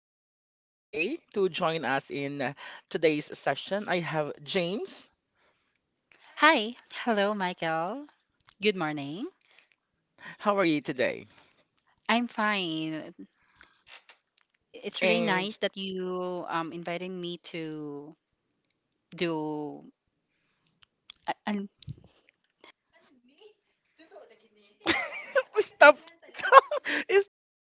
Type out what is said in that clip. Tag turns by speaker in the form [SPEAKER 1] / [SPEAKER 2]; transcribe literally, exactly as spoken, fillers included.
[SPEAKER 1] one of my friend today to join us in uh, today's session. I have James.
[SPEAKER 2] Hi. Hello, Michael. Good morning.
[SPEAKER 1] How are you today?
[SPEAKER 2] I'm fine. It's really nice
[SPEAKER 1] And
[SPEAKER 2] that you um invited me to do a, a
[SPEAKER 1] Stop. Stop.